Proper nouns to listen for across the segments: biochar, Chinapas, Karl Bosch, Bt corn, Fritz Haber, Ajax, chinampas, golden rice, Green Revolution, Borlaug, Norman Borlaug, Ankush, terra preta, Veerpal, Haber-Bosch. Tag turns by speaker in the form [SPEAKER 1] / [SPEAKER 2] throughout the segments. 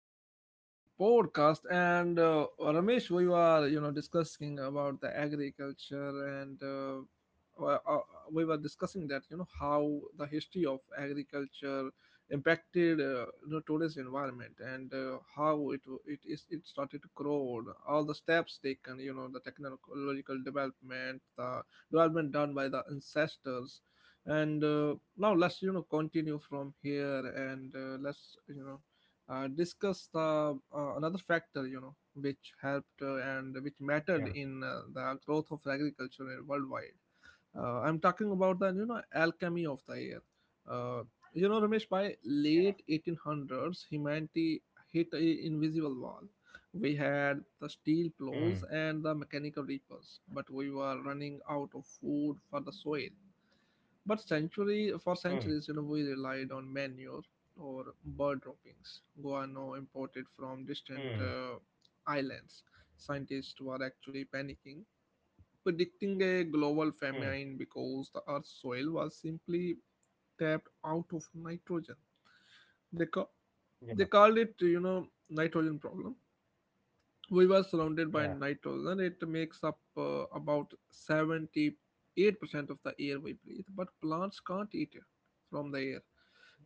[SPEAKER 1] to the podcast. And Ramesh, we were discussing about the agriculture, and we were discussing that you know how the history of agriculture impacted you know, today's environment, and how it w- it is it started to grow. All the steps taken, you know, the technological development, the development done by the ancestors, and now let's continue from here and let's, discuss the another factor, which helped
[SPEAKER 2] Yeah,
[SPEAKER 1] and which mattered in the growth of agriculture worldwide. I'm talking about the, alchemy of the air. uh, Ramesh, by late 1800s humanity hit a invisible wall. We had the
[SPEAKER 2] yeah,
[SPEAKER 1] steel
[SPEAKER 2] mm,
[SPEAKER 1] plows and the mechanical reapers, but we were running out of food for the soil. But century
[SPEAKER 2] mm,
[SPEAKER 1] For centuries, you know, we relied on manure or bird droppings, guano imported from
[SPEAKER 2] mm,
[SPEAKER 1] distant islands. Scientists were actually panicking, predicting a global
[SPEAKER 2] mm,
[SPEAKER 1] famine because the Earth's soil was simply tapped out of nitrogen. They ca-
[SPEAKER 2] yeah,
[SPEAKER 1] they called it, you know, nitrogen problem. We were surrounded
[SPEAKER 2] yeah,
[SPEAKER 1] by nitrogen. It makes up about 78% of the air we breathe, but plants can't eat it from the air.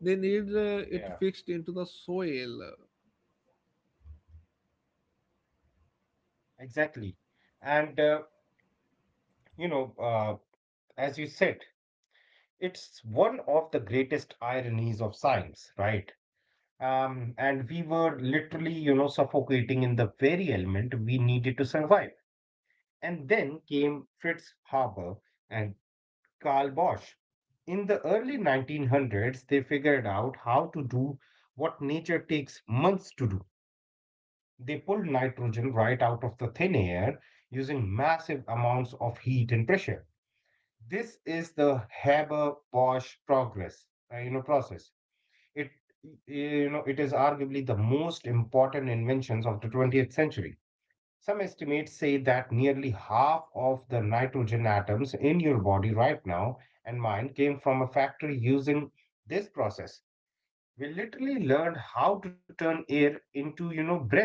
[SPEAKER 1] They need it
[SPEAKER 2] yeah,
[SPEAKER 1] fixed into the soil.
[SPEAKER 2] exactly. And uh, you know, uh, as you said, it's one of the greatest ironies of science, right? And we were literally, suffocating in the very element we needed to survive. And then came Fritz Haber and Karl Bosch. In the early 1900s, they figured out how to do what nature takes months to do. They pulled nitrogen right out of the thin air using massive amounts of heat and pressure. This is the Haber-Bosch process. It, it is arguably the most important inventions of the 20th century. Some estimates say that nearly half of the nitrogen atoms in your body right now and mine came from a factory using this process. We literally learned how to turn air into, bread,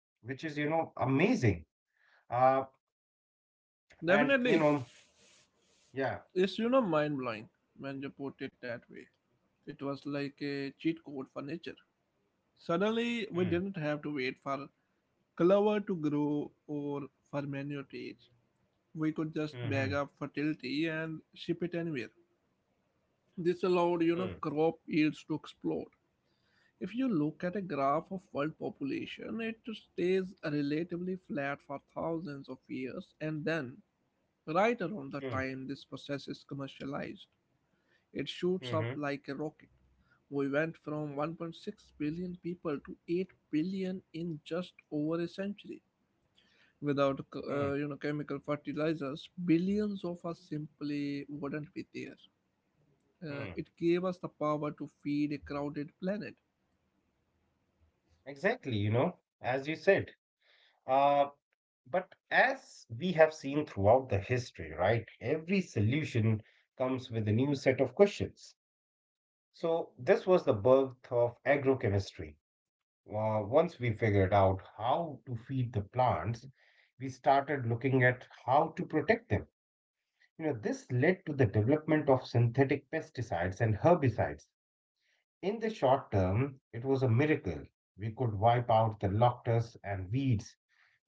[SPEAKER 2] which is, amazing. Uh, and you
[SPEAKER 1] Definitely,
[SPEAKER 2] know, yeah.
[SPEAKER 1] it's, mind blowing when you put it that way. It was like a cheat code for nature. Suddenly, we
[SPEAKER 2] Mm,
[SPEAKER 1] didn't have to wait for clover to grow or for manure to age. We could just
[SPEAKER 2] mm-hmm,
[SPEAKER 1] bag up fertility and ship it anywhere. This allowed,
[SPEAKER 2] mm,
[SPEAKER 1] crop yields to explode. If you look at a graph of world population, it stays relatively flat for thousands of years, and then right around the
[SPEAKER 2] mm,
[SPEAKER 1] time this process is commercialized, it shoots
[SPEAKER 2] mm-hmm,
[SPEAKER 1] up like a rocket. We went from 1.6 billion people to 8 billion in just over a century. Without
[SPEAKER 2] mm,
[SPEAKER 1] chemical fertilizers, billions of us simply wouldn't be there.
[SPEAKER 2] mm.
[SPEAKER 1] It gave us the power to feed a crowded planet.
[SPEAKER 2] Exactly, as you said. Uh, but as we have seen throughout the history, right, every solution comes with a new set of questions. So this was the birth of agrochemistry. Once we figured out how to feed the plants, we started looking at how to protect them. This led to the development of synthetic pesticides and herbicides. In the short term, it was a miracle. We could wipe out the locusts and weeds,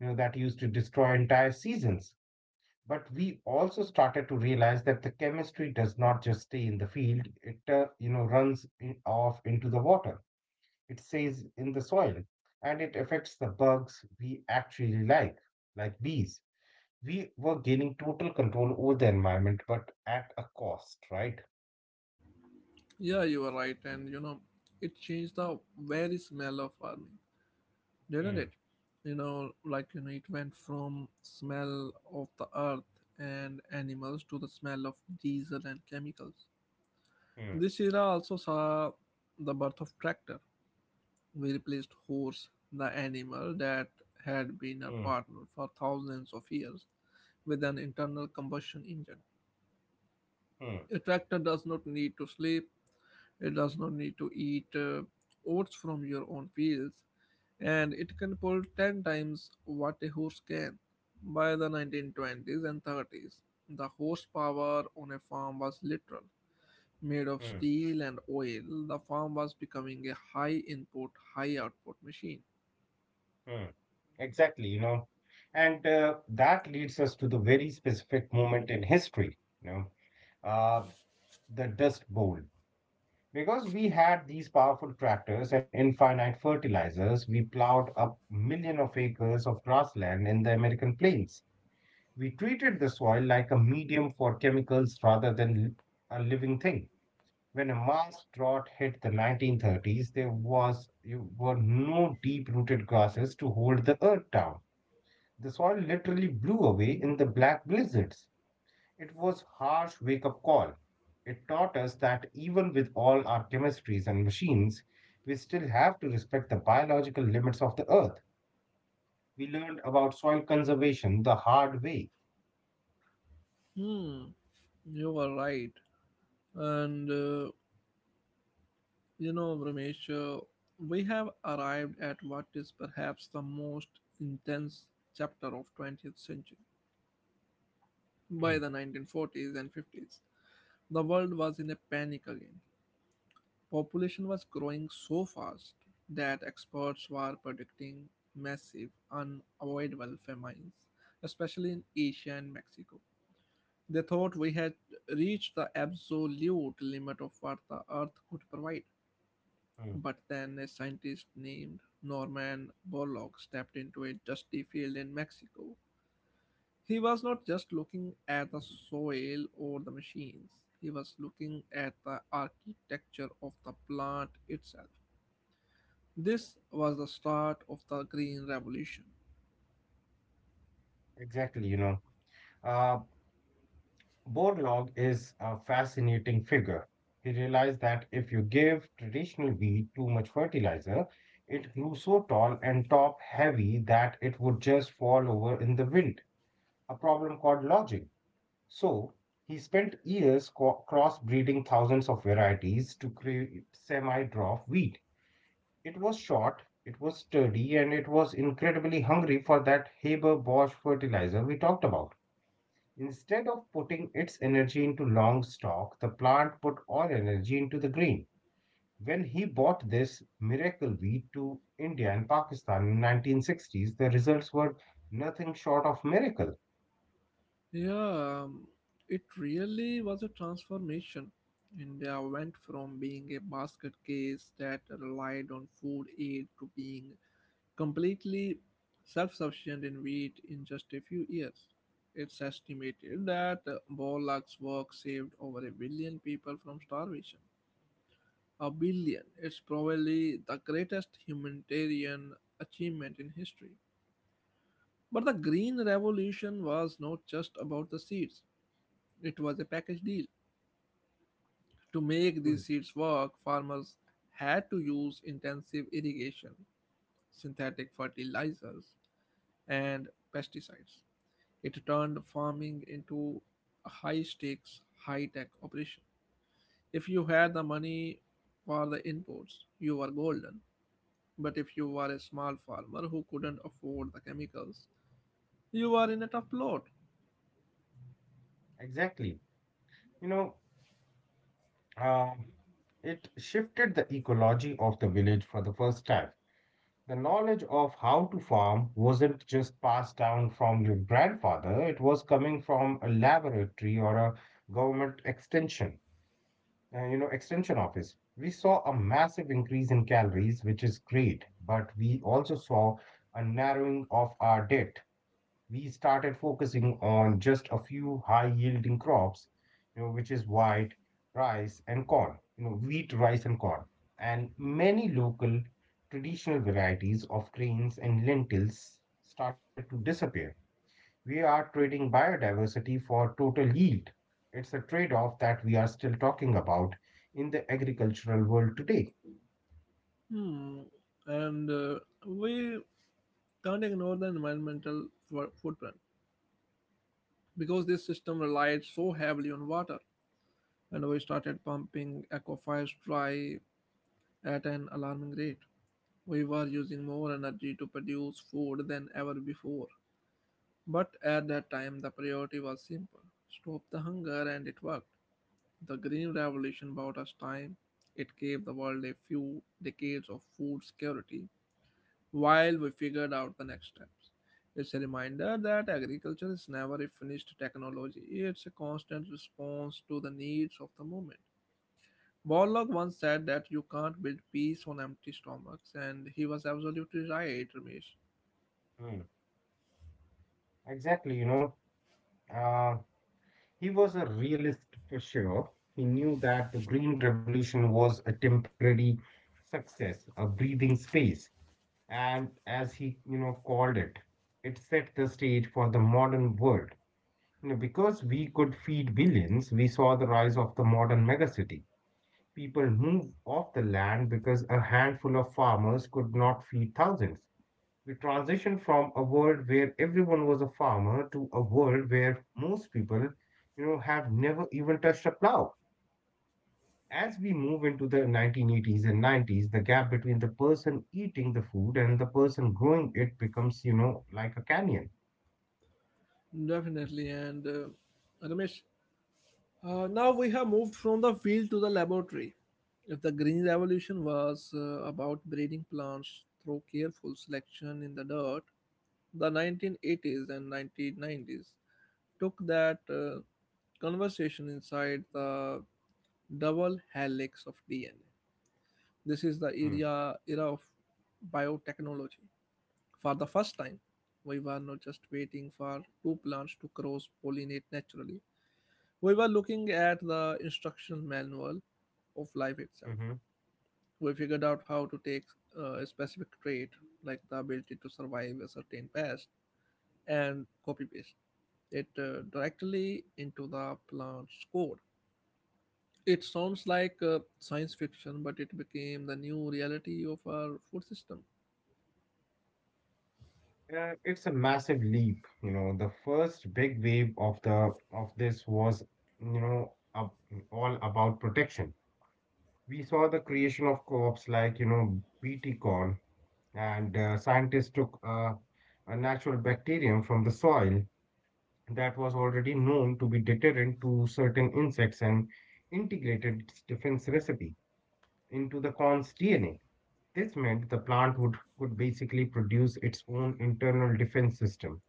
[SPEAKER 2] that used to destroy entire seasons. But we also started to realize that the chemistry does not just stay in the field; it, runs off into the water. It stays in the soil, and it affects the bugs we actually like bees. We were gaining total control over the environment, but at a cost, right?
[SPEAKER 1] Yeah, you are right, and it changed the very smell of farming, didn't
[SPEAKER 2] Hmm,
[SPEAKER 1] it? You know, it went from smell of the earth and animals to the smell of diesel and chemicals.
[SPEAKER 2] hmm,
[SPEAKER 1] This era also saw the birth of tractor. We replaced horse, the animal that had been our
[SPEAKER 2] hmm,
[SPEAKER 1] partner for thousands of years, with an internal combustion engine.
[SPEAKER 2] hmm,
[SPEAKER 1] A tractor does not need to sleep. It does not need to eat oats from your own fields, and it can pull 10 times what a horse can. By the 1920s and 30s, the horsepower on a farm was literal. Made of
[SPEAKER 2] hmm.
[SPEAKER 1] steel and oil, the farm was becoming a high input, high output machine.
[SPEAKER 2] Hmm. Exactly, you know, and that leads us to the very specific moment in history, uh, the Dust Bowl. Because we had these powerful tractors and infinite fertilizers, we plowed up million of acres of grassland in the American plains. We treated the soil like a medium for chemicals rather than a living thing. When a mass drought hit the 1930s, there was you were no deep-rooted grasses to hold the earth down. The soil literally blew away in the black blizzards. It was a harsh wake-up call. It taught us that even with all our chemistries and machines, we still have to respect the biological limits of the earth. We learned about soil conservation the hard way.
[SPEAKER 1] Hmm, you are right. And You know, Ramesh, we have arrived at what is perhaps the most intense chapter of 20th century. By
[SPEAKER 2] Mm,
[SPEAKER 1] the 1940s and 50s, the world was in a panic again. Population was growing so fast that experts were predicting massive, unavoidable famines, especially in Asia and Mexico. They thought we had reached the absolute limit of what the earth could provide.
[SPEAKER 2] mm.
[SPEAKER 1] But then a scientist named Norman Borlaug stepped into a dusty field in Mexico. He was not just looking at the soil or the machines, he was looking at the architecture of the plant itself. This was the start of the Green Revolution.
[SPEAKER 2] Exactly, you know. Uh, Borlaug is a fascinating figure. He realized that if you give traditional wheat too much fertilizer, it grew so tall and top heavy that it would just fall over in the wind, a problem called lodging. So, he spent years crossbreeding thousands of varieties to create semi dwarf wheat. It was short, it was sturdy, and it was incredibly hungry for that Haber Bosch fertilizer we talked about. Instead of putting its energy into long stalk, the plant put all energy into the grain. When he bought this miracle wheat to India and Pakistan in 1960s, the results were nothing short of miracle.
[SPEAKER 1] Yeah, it really was a transformation. India went from being a basket case that relied on food aid to being completely self-sufficient in wheat in just a few years. It's estimated that Borlaug's work saved over a billion people from starvation. A billion. It's probably the greatest humanitarian achievement in history. But the Green Revolution was not just about the seeds, it was a package deal. To make these
[SPEAKER 2] Mm.
[SPEAKER 1] seeds work, farmers had to use intensive irrigation, synthetic fertilizers, and pesticides. It turned farming into a high stakes, high tech operation. If you had the money for the inputs, you were golden. But if you were a small farmer who couldn't afford the chemicals, you were in a tough lot.
[SPEAKER 2] Exactly. You know, uh, it shifted the ecology of the village for the first time. The knowledge of how to farm wasn't just passed down from your grandfather, it was coming from a laboratory or a government extension office. We saw a massive increase in calories, which is great, but we also saw a narrowing of our debt. We started focusing on just a few high-yielding crops, which is wheat, rice, and corn, wheat, rice, and corn, and many local traditional varieties of grains and lentils started to disappear. We are trading biodiversity for total yield. It's a trade off that we are still talking about in the agricultural world today.
[SPEAKER 1] Hmm. And We can't ignore the environmental fo- footprint because this system relied so heavily on water. And we started pumping aquifers dry at an alarming rate. We were using more energy to produce food than ever before. But at that time, the priority was simple: stop the hunger, and it worked. The Green Revolution bought us time. It gave the world a few decades of food security while we figured out the next steps. It's a reminder that agriculture is never a finished technology, it's a constant response to the needs of the moment. Borlaug once said that you can't build peace on empty stomachs, and he was absolutely right, Ramesh.
[SPEAKER 2] Mm. Exactly, uh, he was a realist for sure. He knew that the Green Revolution was a temporary success, a breathing space. And as he, called it, it set the stage for the modern world. Because we could feed billions, we saw the rise of the modern megacity. People moved off the land because a handful of farmers could not feed thousands. We transitioned from a world where everyone was a farmer to a world where most people, have never even touched a plow. As we move into the 1980s and 90s, the gap between the person eating the food and the person growing it becomes, like a canyon.
[SPEAKER 1] Definitely. And Ramesh, now we have moved from the field to the laboratory. If the green revolution was about breeding plants through careful selection in the dirt, the 1980s and 1990s took that conversation inside the double helix of DNA. This is the era of biotechnology. For the first time, we were not just waiting for two plants to cross pollinate naturally. We were looking at the instruction manual of life itself.
[SPEAKER 2] Mm-hmm.
[SPEAKER 1] We figured out how to take a specific trait, like the ability to survive a certain pest, and copy paste it directly into the plant's code. It sounds like science fiction, but it became the new reality of our food system.
[SPEAKER 2] It's a massive leap. The first big wave of the of this was, you know, ab- all about protection. We saw the creation of co-ops like, Bt corn, and scientists took a natural bacterium from the soil that was already known to be deterrent to certain insects and integrated its defense recipe into the corn's DNA. This meant the plant would could basically produce its own internal defense system.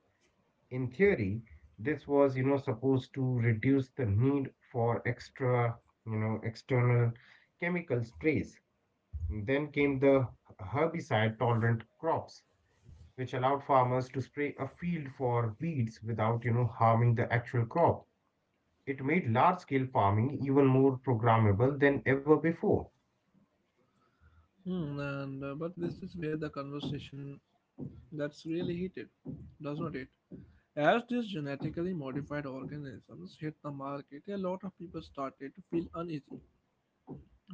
[SPEAKER 2] In theory, this was, supposed to reduce the need for extra, external chemical sprays. Then came the herbicide tolerant crops, which allowed farmers to spray a field for weeds without, harming the actual crop. It made large scale farming even more programmable than ever before.
[SPEAKER 1] Hmm, and but this is where the conversation that's really heated, does not it? As these genetically modified organisms hit the market, a lot of people started to feel uneasy.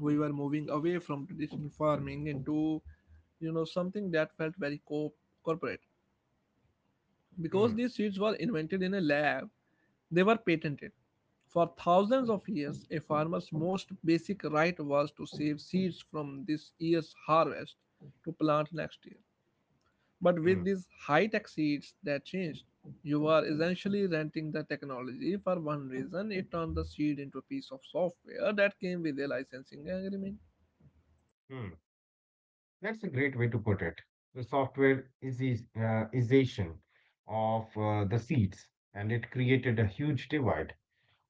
[SPEAKER 1] We were moving away from traditional farming into, you know, something that felt very corporate.
[SPEAKER 2] Hmm,
[SPEAKER 1] Because these seeds were invented in a lab, they were patented. For thousands of years, a farmer's most basic right was to save seeds from this year's harvest to plant next year. But
[SPEAKER 2] hmm,
[SPEAKER 1] with these high tech seats, that changed. You are essentially renting the technology for one reason. It turned the seed into a piece of software that came with a licensing agreement.
[SPEAKER 2] hmm. That's a great way to put it. The software ization of the seats, and it created a huge divide.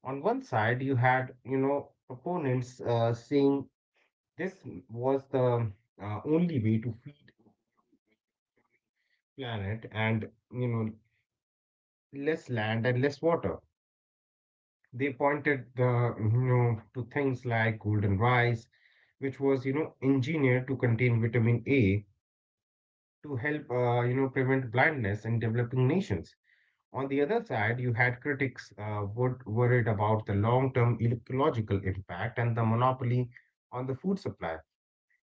[SPEAKER 2] On one side, you had, proponents saying this was the only way to feed planet and, you know, less land and less water. They pointed to things like golden rice, which was, engineered to contain vitamin A to help, prevent blindness in developing nations. On the other side, you had critics worried about the long term ecological impact and the monopoly on the food supply.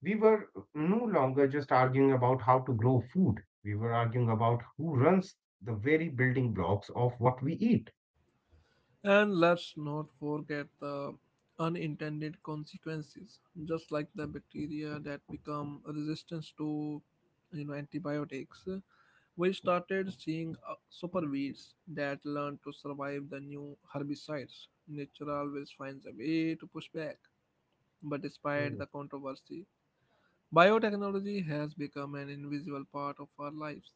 [SPEAKER 2] We were no longer just arguing about how to grow food, we were arguing about who runs the very building blocks of what we eat.
[SPEAKER 1] And let's not forget the unintended consequences, just like the bacteria that become resistant to, antibiotics. We started seeing superweeds that learn to survive the new herbicides. Nature always finds a way to push back. But despite
[SPEAKER 2] Hmm,
[SPEAKER 1] the controversy, biotechnology has become an invisible part of our lives.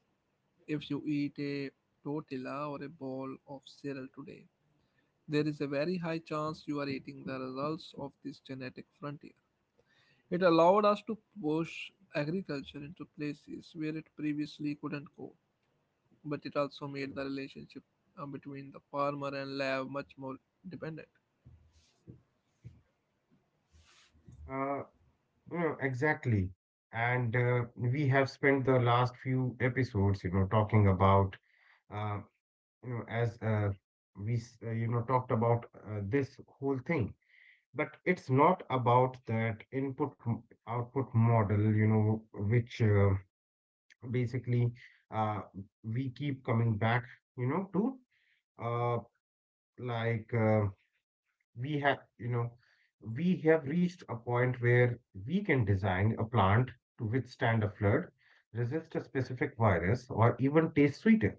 [SPEAKER 1] If you eat a tortilla or a bowl of cereal today, there is a very high chance you are eating the results of this genetic frontier. It allowed us to push agriculture into places where it previously couldn't go, but it also made
[SPEAKER 2] hmm.
[SPEAKER 1] the relationship between the farmer and lab much more dependent.
[SPEAKER 2] Uh, exactly. And We have spent the last few episodes, talking about, uh, you know, as we, s- you know, talked about this whole thing. But it's not about that input output model, which basically uh, we keep coming back, you know to uh, like we have you know we have reached a point where we can design a plant to withstand a flood, resist a specific virus, or even taste sweeter,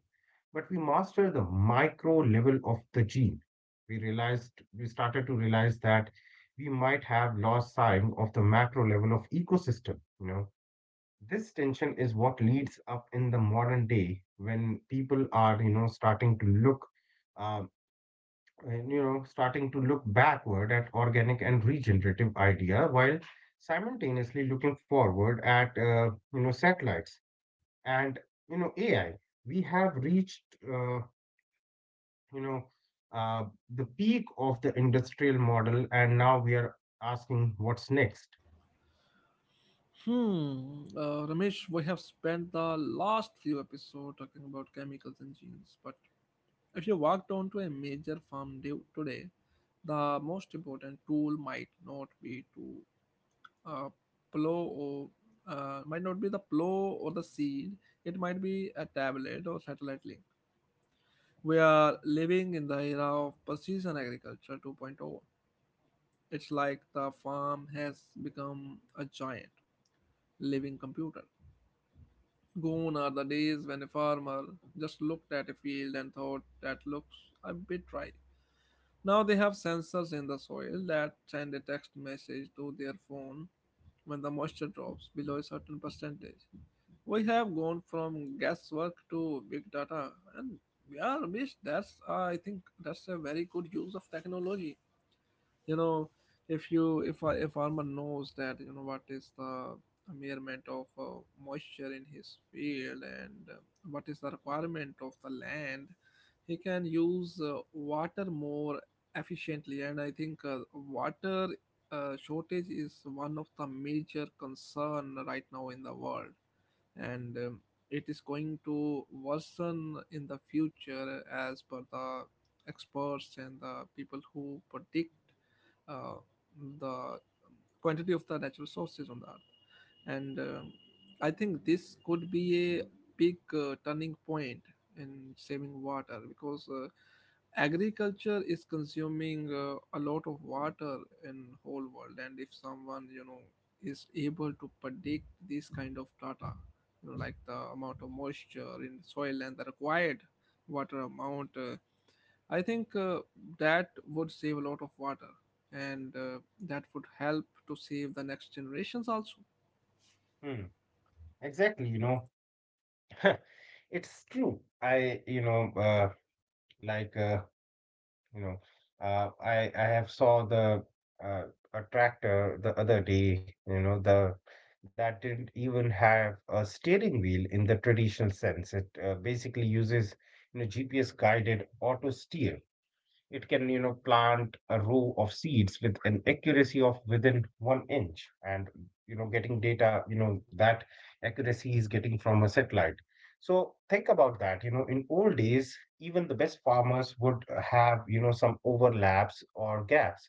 [SPEAKER 2] but we master the micro level of the gene. We realized, we started to realize that we might have lost sight of the macro level of ecosystem. This tension is what leads up in the modern day when people are, um, starting to look backward at organic and regenerative idea while simultaneously looking forward at, satellites and, AI. We have reached uh, you know uh, the peak of the industrial model, and now we are asking what's next.
[SPEAKER 1] Hmm, Ramesh, we have spent the last few episodes talking about chemicals and genes, but if you walked onto a major farm day, today, the most important tool uh, plow or might not be the plow or the seed. It might be a tablet or satellite link. We are living in the era of precision agriculture 2.0. It's like the farm has become a giant living computer. Gone are the days when a farmer just looked at a field and thought that looks a bit ripe. Now they have sensors in the soil that send a text message to their phone when the moisture drops below a certain percentage. We have gone from guesswork to big data and yeah, Ramesh, that's I think that's a very good use of technology. you know if you if a, a farmer knows that what is the measurement of moisture in his field and what is the requirement of the land, he can use water more efficiently. And I think water shortage is one of the major concern right now in the world, and it is going to worsen in the future as per the experts and the people who predict uh, the quantity of the natural sources on the earth. And I think this could be a big turning point in saving water, because agriculture is consuming a lot of water in whole world. And if someone, you know, is able to predict this kind of data, you know, like the amount of moisture in soil and the required water amount, I think that would save a lot of water, and that would help to save the next generations also.
[SPEAKER 2] Hmm. Exactly. It's true. I you know like you know I have saw the uh, a tractor the other day. You know the That didn't even have a steering wheel in the traditional sense. It basically uses, gps guided auto steer. It can, plant a row of seeds with an accuracy of within 1 inch, and, getting data, that accuracy is getting from a satellite. So think about that. You know, in old days, even the best farmers would have, some overlaps or gaps,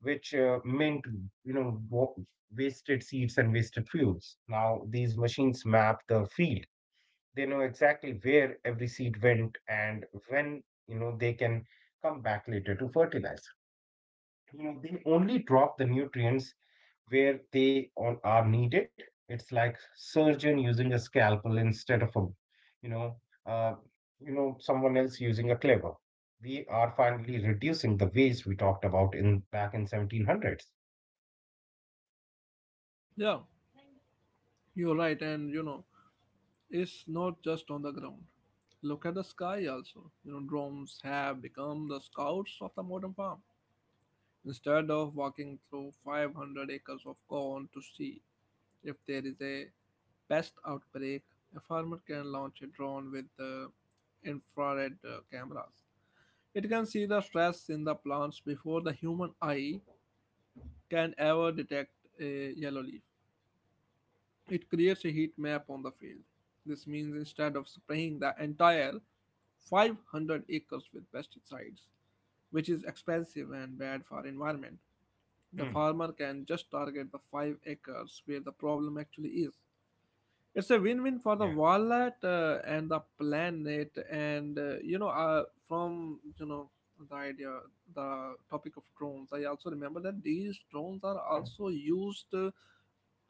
[SPEAKER 2] which meant, you know, wa- wasted seeds and wasted fuels. Now these machines map the field. They know exactly where every seed went and when. They can come back later to fertilize. They only drop the nutrients where they are needed. It's like surgeon using a scalpel instead of a, you know uh, someone else using a cleaver. We are finally reducing the waste we talked about in back in 1700s.
[SPEAKER 1] Yeah, you're right. And you know, it's not just on the ground, look at the sky also. You know, drones have become the scouts of the modern farm. Instead of walking through 500 acres of corn to see if there is a pest outbreak, a farmer can launch a drone with the infrared cameras. It can see the stress in the plants before the human eye can ever detect a yellow leaf. It creates a heat map on the field. This means instead of spraying the entire 500 acres with pesticides, which is expensive and bad for environment, the farmer
[SPEAKER 2] Hmm.
[SPEAKER 1] can just target the 5 acres where the problem actually is. It's a win-win for
[SPEAKER 2] Yeah,
[SPEAKER 1] the wallet and the planet. And you know from you know the idea the topic of drones, I also remember that these drones are also used,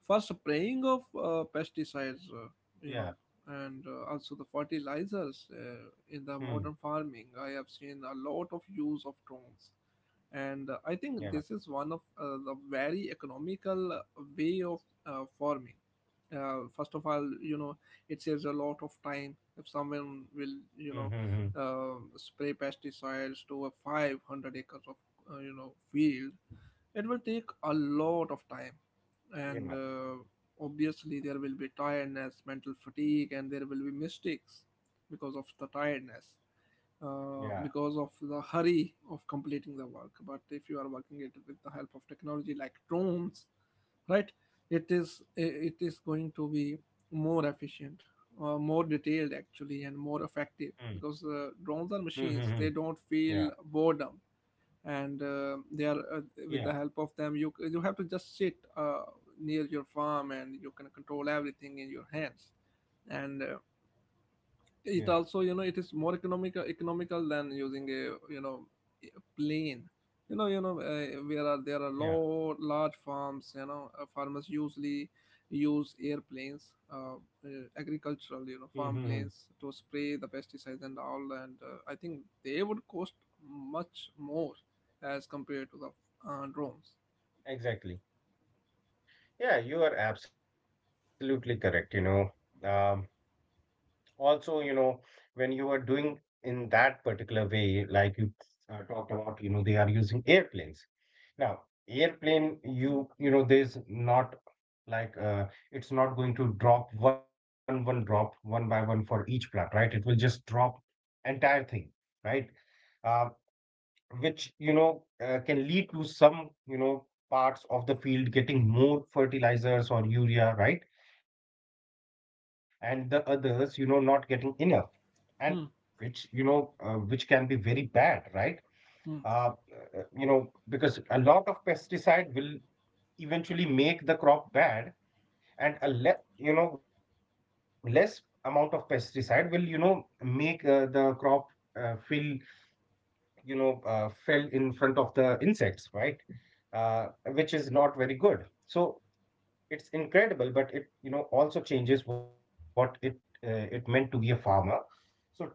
[SPEAKER 1] first, spraying of pesticides, you know,
[SPEAKER 2] yeah.
[SPEAKER 1] and also the fertilizers in the modern
[SPEAKER 2] Hmm.
[SPEAKER 1] farming. I have seen a lot of use of drones, and I think this is
[SPEAKER 2] Yeah.
[SPEAKER 1] one of the very economical way of farming. First of all, you know, it saves a lot of time. If someone will, you know,
[SPEAKER 2] Hmm. Hmm. Hmm, hmm.
[SPEAKER 1] spray pesticides to a 500 acres of, field, it will take a lot of time. And
[SPEAKER 2] Yeah,
[SPEAKER 1] obviously there will be tiredness, mental fatigue, and there will be mistakes because of the tiredness,
[SPEAKER 2] yeah.
[SPEAKER 1] because of the hurry of completing the work. But if you are working it with the help of technology like drones, right, it is going to be more efficient, more detailed actually, and more
[SPEAKER 2] Hmm.
[SPEAKER 1] effective, because
[SPEAKER 2] Hmm. Hmm,
[SPEAKER 1] drones are
[SPEAKER 2] hmm.
[SPEAKER 1] machines, they
[SPEAKER 2] Yeah,
[SPEAKER 1] don't feel boredom. And they are
[SPEAKER 2] yeah.
[SPEAKER 1] with the help of them, you have to just sit near your farm and you can control everything in your hands. And
[SPEAKER 2] Yeah,
[SPEAKER 1] it also, you know, it is more economical than using a, you know, a plane. You know you know uh, where are there are
[SPEAKER 2] yeah,
[SPEAKER 1] lot large farms, you know. Farmers usually use airplanes, uh, agricultural, you know, farm
[SPEAKER 2] hmm,
[SPEAKER 1] planes, to spray the pesticides and all. And I think they would cost much more as compared to the drones.
[SPEAKER 2] exactly. Yeah, you are absolutely correct. You know, also, when you are doing in that particular way, like you talked about, they are using airplanes. Now, airplane, there's not like uh, it's not going to drop one by one for each plant, right? It will just drop entire thing, right? Uh, which can lead to some parts of the field getting more fertilizers or urea, right, and the others, not getting enough. And which you know Which can be very
[SPEAKER 1] hmm.
[SPEAKER 2] bad, right? uh, because a
[SPEAKER 1] Hmm.
[SPEAKER 2] lot of pesticide will eventually make the crop bad, and a le- you know less amount of pesticide will make the crop feel, fell in front of the insects, right? uh, which is not very good. So it's incredible, but it also changes what it it meant to be a farmer. So today's farmer needs to be,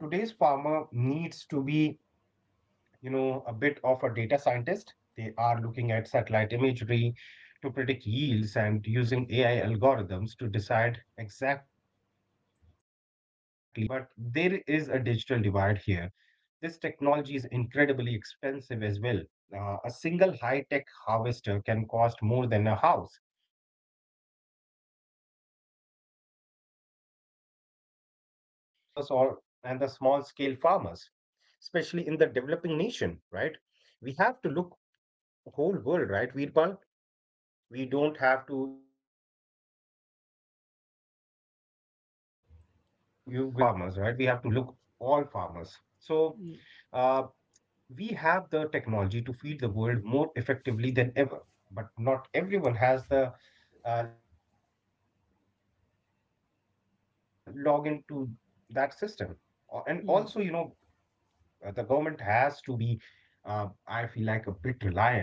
[SPEAKER 2] a bit of a data scientist. They are looking at satellite imagery to predict yields and using AI algorithms to decide exactly when to sell their grain on a global market. But there is a digital divide here. This technology is incredibly expensive as well. A single high tech harvester can cost more than a house. This creates a massive gap between the high tech industrial farmers or and the small scale farmers, especially in the developing nation, right? We have to look whole world, right, Veerpal? We don't have to you we cannot look at a single country or a group of farmers, right? We have to look all farmers. So uh, We have the technology to feed the world more effectively than ever, but not everyone has the login to that system. And also, the government has to
[SPEAKER 1] Hmm.
[SPEAKER 2] be, I feel, like a bit reliant, right? You know, you cannot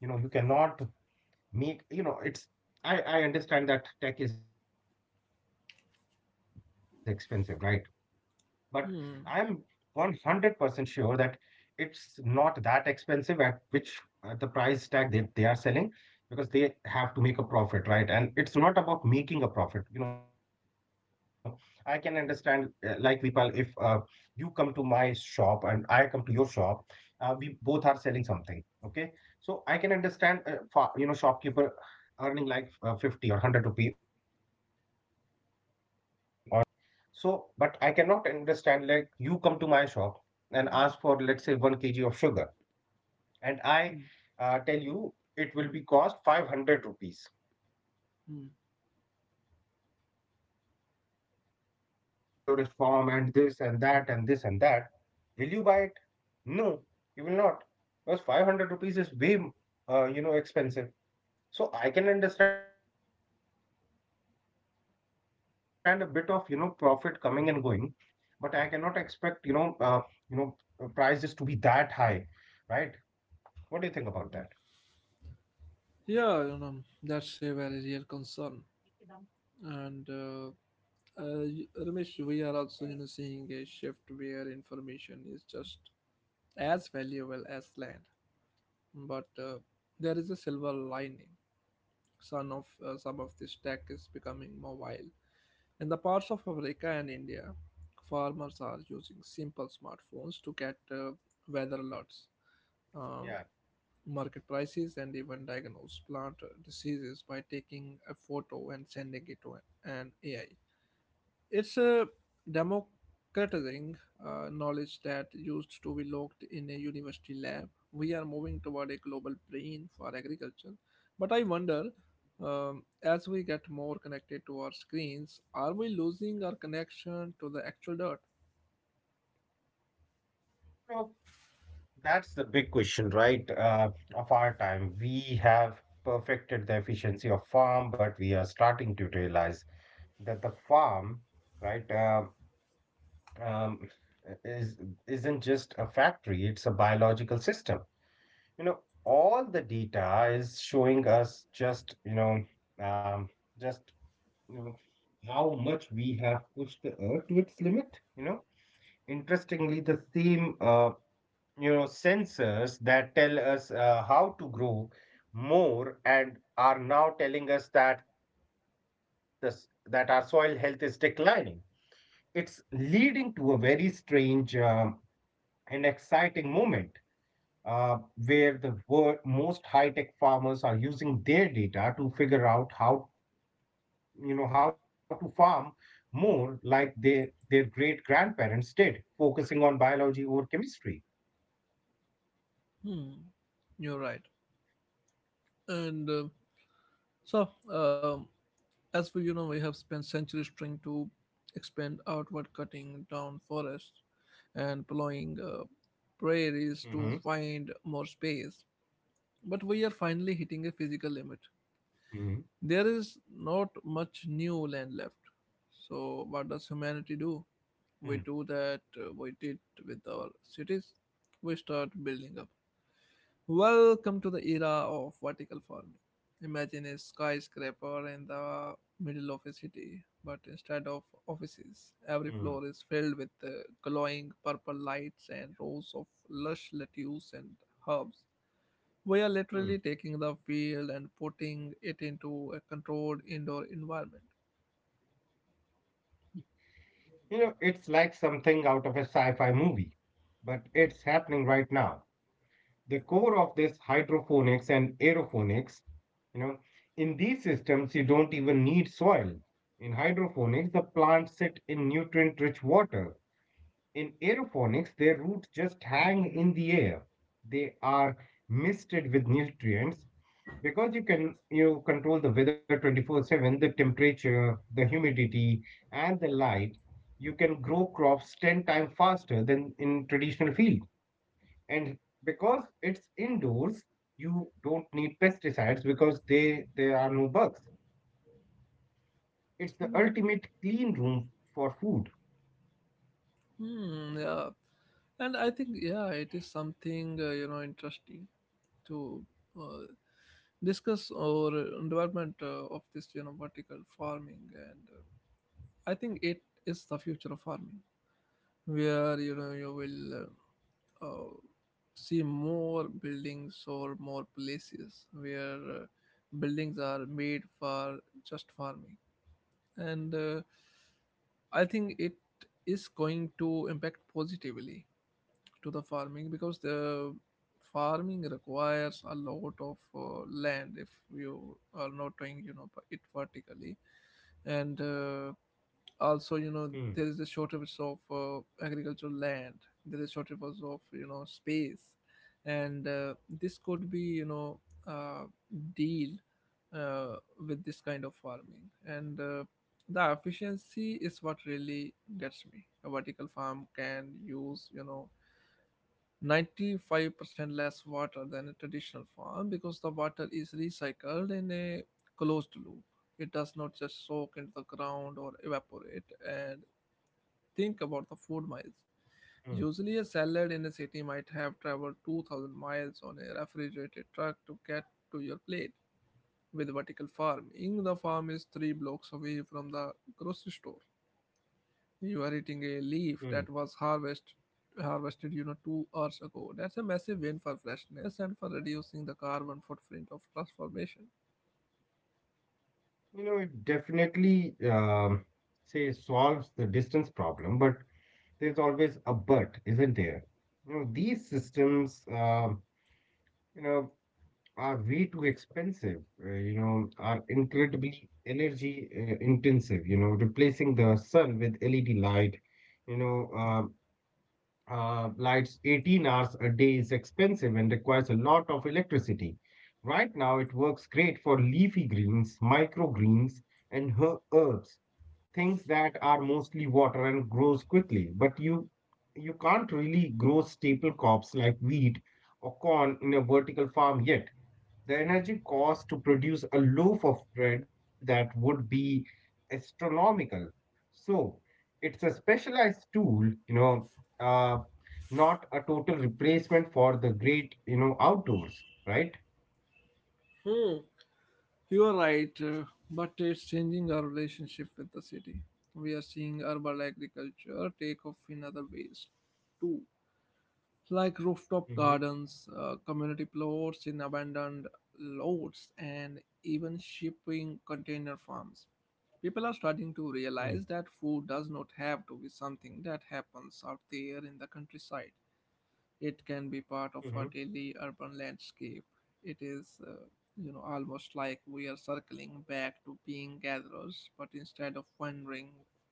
[SPEAKER 2] make, you know, it's, I understand that tech is expensive, right? But I'm 100% sure that it's
[SPEAKER 1] Hmm.
[SPEAKER 2] not that expensive at which at the price tag they are selling, because they have to make a profit, right? And it's not about making a profit. You know, I can understand, like Vipal, if you come to my shop and I come to your shop, we both are selling something. Okay. So I can understand, shopkeeper earning like 50 or 100 rupee on a particular item, right? That too it depends upon the item. So but I cannot understand, like, you come to my shop and ask for, let's say, 1 kg of sugar, and I
[SPEAKER 1] Hmm.
[SPEAKER 2] tell you it will be cost 500 rupees, and you ask
[SPEAKER 1] Hmm.
[SPEAKER 2] why 500 rupees, and I say this is, the purest form, and this and that and this and that. Will you buy it? No, you will not, because 500 rupees is way, expensive. So I can understand a bit of, profit coming and going, but I cannot expect, you know, prices to be that high, right? What do you think about that?
[SPEAKER 1] Yeah, you know, that's a very real concern. And Ramesh, we are also, you know, seeing a shift where information is just as valuable as land. But there is a silver lining. Some of this tech is becoming more wild. In the parts of Africa and India, farmers are using simple smartphones to get weather alerts, um,
[SPEAKER 2] Yeah.
[SPEAKER 1] market prices, and even diagnose plant diseases by taking a photo and sending it to an AI. It's a democratizing knowledge that used to be locked in a university lab. We are moving toward a global brain for agriculture. But I wonder, as we get more connected to our screens, are we losing our connection to the actual dirt?
[SPEAKER 2] So that's the big question, right? Of our time. We have perfected the efficiency of farm, but we are starting to realize that the farm, right, uh, um, is isn't just a factory, it's a biological system. You know, all the data is showing us, um, just you know, how much we have pushed the earth to its limit. You know, interestingly, the same, sensors that tell us how to grow more, and are now telling us that our soil health is declining. It's leading to a very strange, and exciting moment, uh, where most high-tech farmers are using their data to figure out how you know how to farm more like their great grandparents did, focusing on biology or chemistry.
[SPEAKER 1] Hmm, you're right. And so, um, As for, you know, we have spent centuries trying to expand outward, cutting down forests and
[SPEAKER 2] Hmm.
[SPEAKER 1] plowing prairies to find more space. But we are finally
[SPEAKER 2] Hmm.
[SPEAKER 1] hitting a physical limit. There is not much new land left. So, what
[SPEAKER 2] Hmm.
[SPEAKER 1] does humanity do? We do that we did with our cities. We start building up. Welcome to the era of vertical farming. Imagine a skyscraper in the middle of a city, but instead of
[SPEAKER 2] Hmm.
[SPEAKER 1] offices, every floor is filled with glowing purple lights and rows of lush lettuce and herbs.
[SPEAKER 2] Hmm.
[SPEAKER 1] We are literally taking the field and putting it into a controlled indoor environment.
[SPEAKER 2] You know, it's like something out of a sci-fi movie, but it's happening right now. The core of this hydroponics and aeroponics. You know, in these systems, you don't even need soil. In hydroponics, the plants sit in nutrient rich water. In aeroponics, their roots just hang in the air. They are misted with nutrients, because you control the weather 24/7, the temperature, the humidity, and the light. You can grow crops 10 times faster than in traditional field, and because it's indoors, you don't need pesticides, because they there are no bugs. It's the
[SPEAKER 1] Hmm,
[SPEAKER 2] ultimate clean room for food.
[SPEAKER 1] Yeah. And I think, yeah, it is something, you know, interesting to uh, discuss our development of this, you know, vertical farming. And I think it is the future of farming, where you know you will uh, see more buildings or more places where buildings are made for just farming. And I think it is going to impact positively to the farming, because the farming requires a lot of land if you are not doing, you know, it vertically. And
[SPEAKER 2] Hmm.
[SPEAKER 1] also, you know, there is a shortage of agricultural land, there is shortage of, you know, space. And this could be, you know, uh, deal uh, with this kind of farming. And the efficiency is what really gets me. A vertical farm can use, you know, 95% less water than a traditional farm, because the water is recycled in a closed loop. It does not just soak into the ground or evaporate. And think about the food miles.
[SPEAKER 2] Hmm.
[SPEAKER 1] Usually, a salad in a city might have traveled 2,000 miles on a refrigerated truck to get to your plate. With vertical farming, the farm is three blocks away from the grocery store. You are eating a
[SPEAKER 2] Hmm.
[SPEAKER 1] leaf that was harvested, you know, 2 hours ago. That's a massive win for freshness and for reducing the carbon footprint of transformation.
[SPEAKER 2] You know, it definitely say solves the distance problem, but there's always a but, isn't there? You know, these systems, you know are way too expensive, are incredibly energy intensive, you know, replacing the sun with LED light, you know, lights 18 hours a day, is expensive and requires a lot of electricity. Right now, it works great for leafy greens, microgreens, and herbs, things that are mostly water and grows quickly. But you can't really grow staple crops like wheat or corn in a vertical farm yet. The energy cost to produce a loaf of bread, that would be astronomical. So it's a specialized tool, you know, uh, not a total replacement for the great, outdoors, right?
[SPEAKER 1] Hmm. You are right, but it's changing our relationship with the city. We are seeing urban agriculture take off in other ways too, like rooftop
[SPEAKER 2] Hmm.
[SPEAKER 1] gardens, community plots in abandoned lots, and even shipping container farms. People are starting to
[SPEAKER 2] Hmm.
[SPEAKER 1] realize that food does not have to be something that happens out there in the countryside. It can be part of our
[SPEAKER 2] Hmm.
[SPEAKER 1] daily urban landscape. It is, you know, almost like we are circling back to being gatherers, but instead of wandering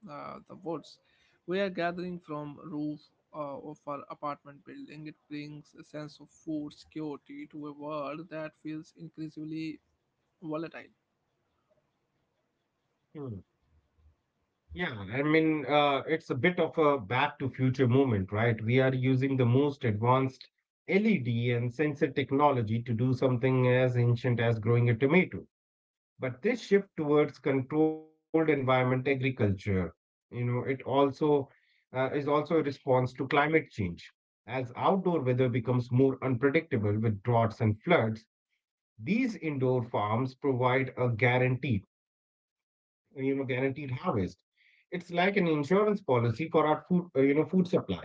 [SPEAKER 1] the woods, we are gathering from roof of our apartment building. It brings a sense of food security to a world that feels increasingly volatile.
[SPEAKER 2] Hmm. Yeah, I mean, it's a bit of a back to future moment, right? We are using the most advanced LED and sensor technology to do something as ancient as growing a tomato. But this shift towards controlled environment agriculture, it also is also a response to climate change. As outdoor weather becomes more unpredictable with droughts and floods, these indoor farms provide a guarantee, guaranteed harvest. It's like an insurance policy for our food you know food supply.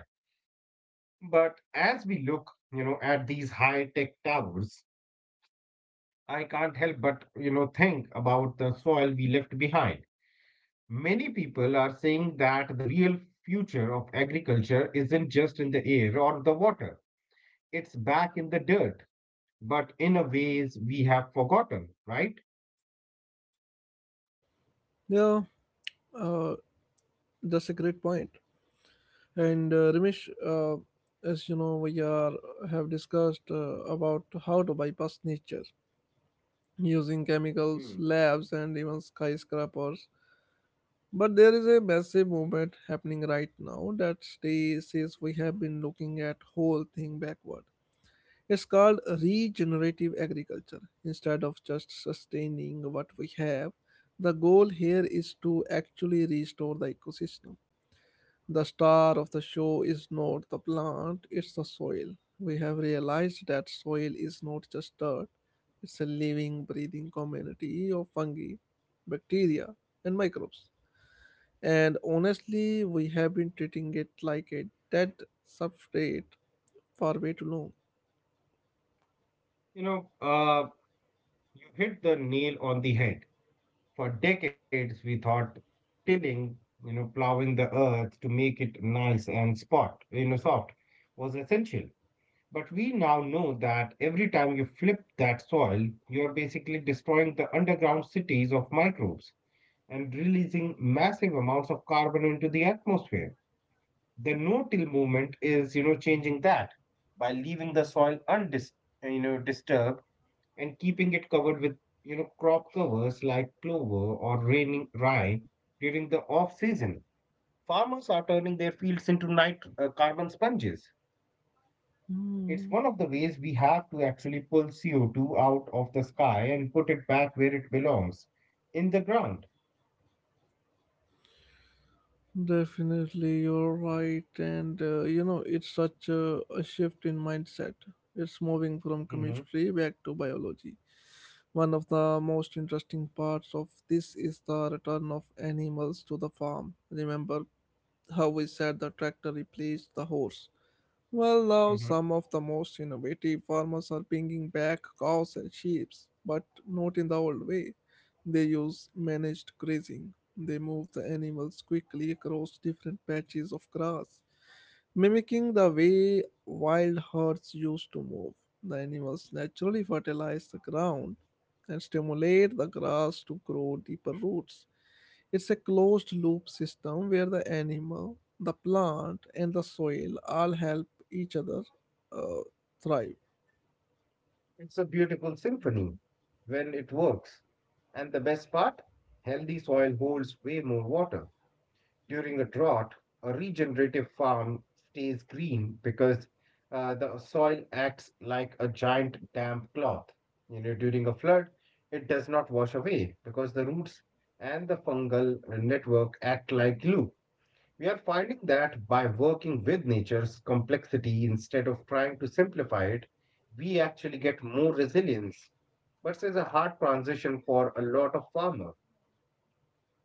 [SPEAKER 2] But as we look, at these high tech towers, I can't help but think about the soil we left behind. Many people are saying that the real future of agriculture isn't just in the air or the water, it's back in the dirt, but in a ways we have forgotten, right?
[SPEAKER 1] Yeah, uh, that's a great point. And Ramesh, as you know, we are have discussed about how to bypass nature using
[SPEAKER 2] Hmm.
[SPEAKER 1] chemicals, labs, and even skyscrapers. But there is a massive movement happening right now that says we have been looking at whole thing backward. It's called regenerative agriculture. Instead of just sustaining what we have, the goal here is to actually restore the ecosystem. The star of the show is not the plant, it's the soil. We have realized that soil is not just dirt, it's a living, breathing community of fungi, bacteria, and microbes. And honestly, we have been treating it like a dead substrate for way too long.
[SPEAKER 2] you know uh, you hit the nail on the head. For decades, we thought tilling, you know, plowing the earth to make it nice and spot, you know, soft, was essential. But we now know that every time you flip that soil, you are basically destroying the underground cities of microbes, and releasing massive amounts of carbon into the atmosphere. The no-till movement is, you know, changing that by leaving the soil disturbed, and keeping it covered with, crop covers like clover or raining rye during the off season. Farmers are turning their fields into carbon sponges. It's
[SPEAKER 1] Hmm.
[SPEAKER 2] one of the ways we have to actually pull CO2 out of the sky and put it back where it belongs, in the ground.
[SPEAKER 1] Definitely, you're right. And you know, it's such a shift in mindset. It's moving from
[SPEAKER 2] Mhm,
[SPEAKER 1] chemistry back to biology. One of the most interesting parts of this is the return of animals to the farm. Remember how we said the tractor replaced the horse. Well, now
[SPEAKER 2] mhm.
[SPEAKER 1] some of the most innovative farmers are bringing back cows and sheep, but not in the old way. They use managed grazing. They move the animals quickly across different patches of grass, mimicking the way wild herds used to move. The animals naturally fertilize the ground and stimulate the grass to grow deeper roots. It's a closed loop system where the animal, the plant, and the soil all help each other uh, thrive.
[SPEAKER 2] It's a beautiful symphony when it works. And the best part, healthy soil holds way more water. During a drought, a regenerative farm stays green because the soil acts like a giant damp cloth. You know, during a flood, it does not wash away, because the roots and the fungal network act like glue. We are finding that by working with nature's complexity instead of trying to simplify it, we actually get more resilience. But it's a hard transition for a lot of farmers.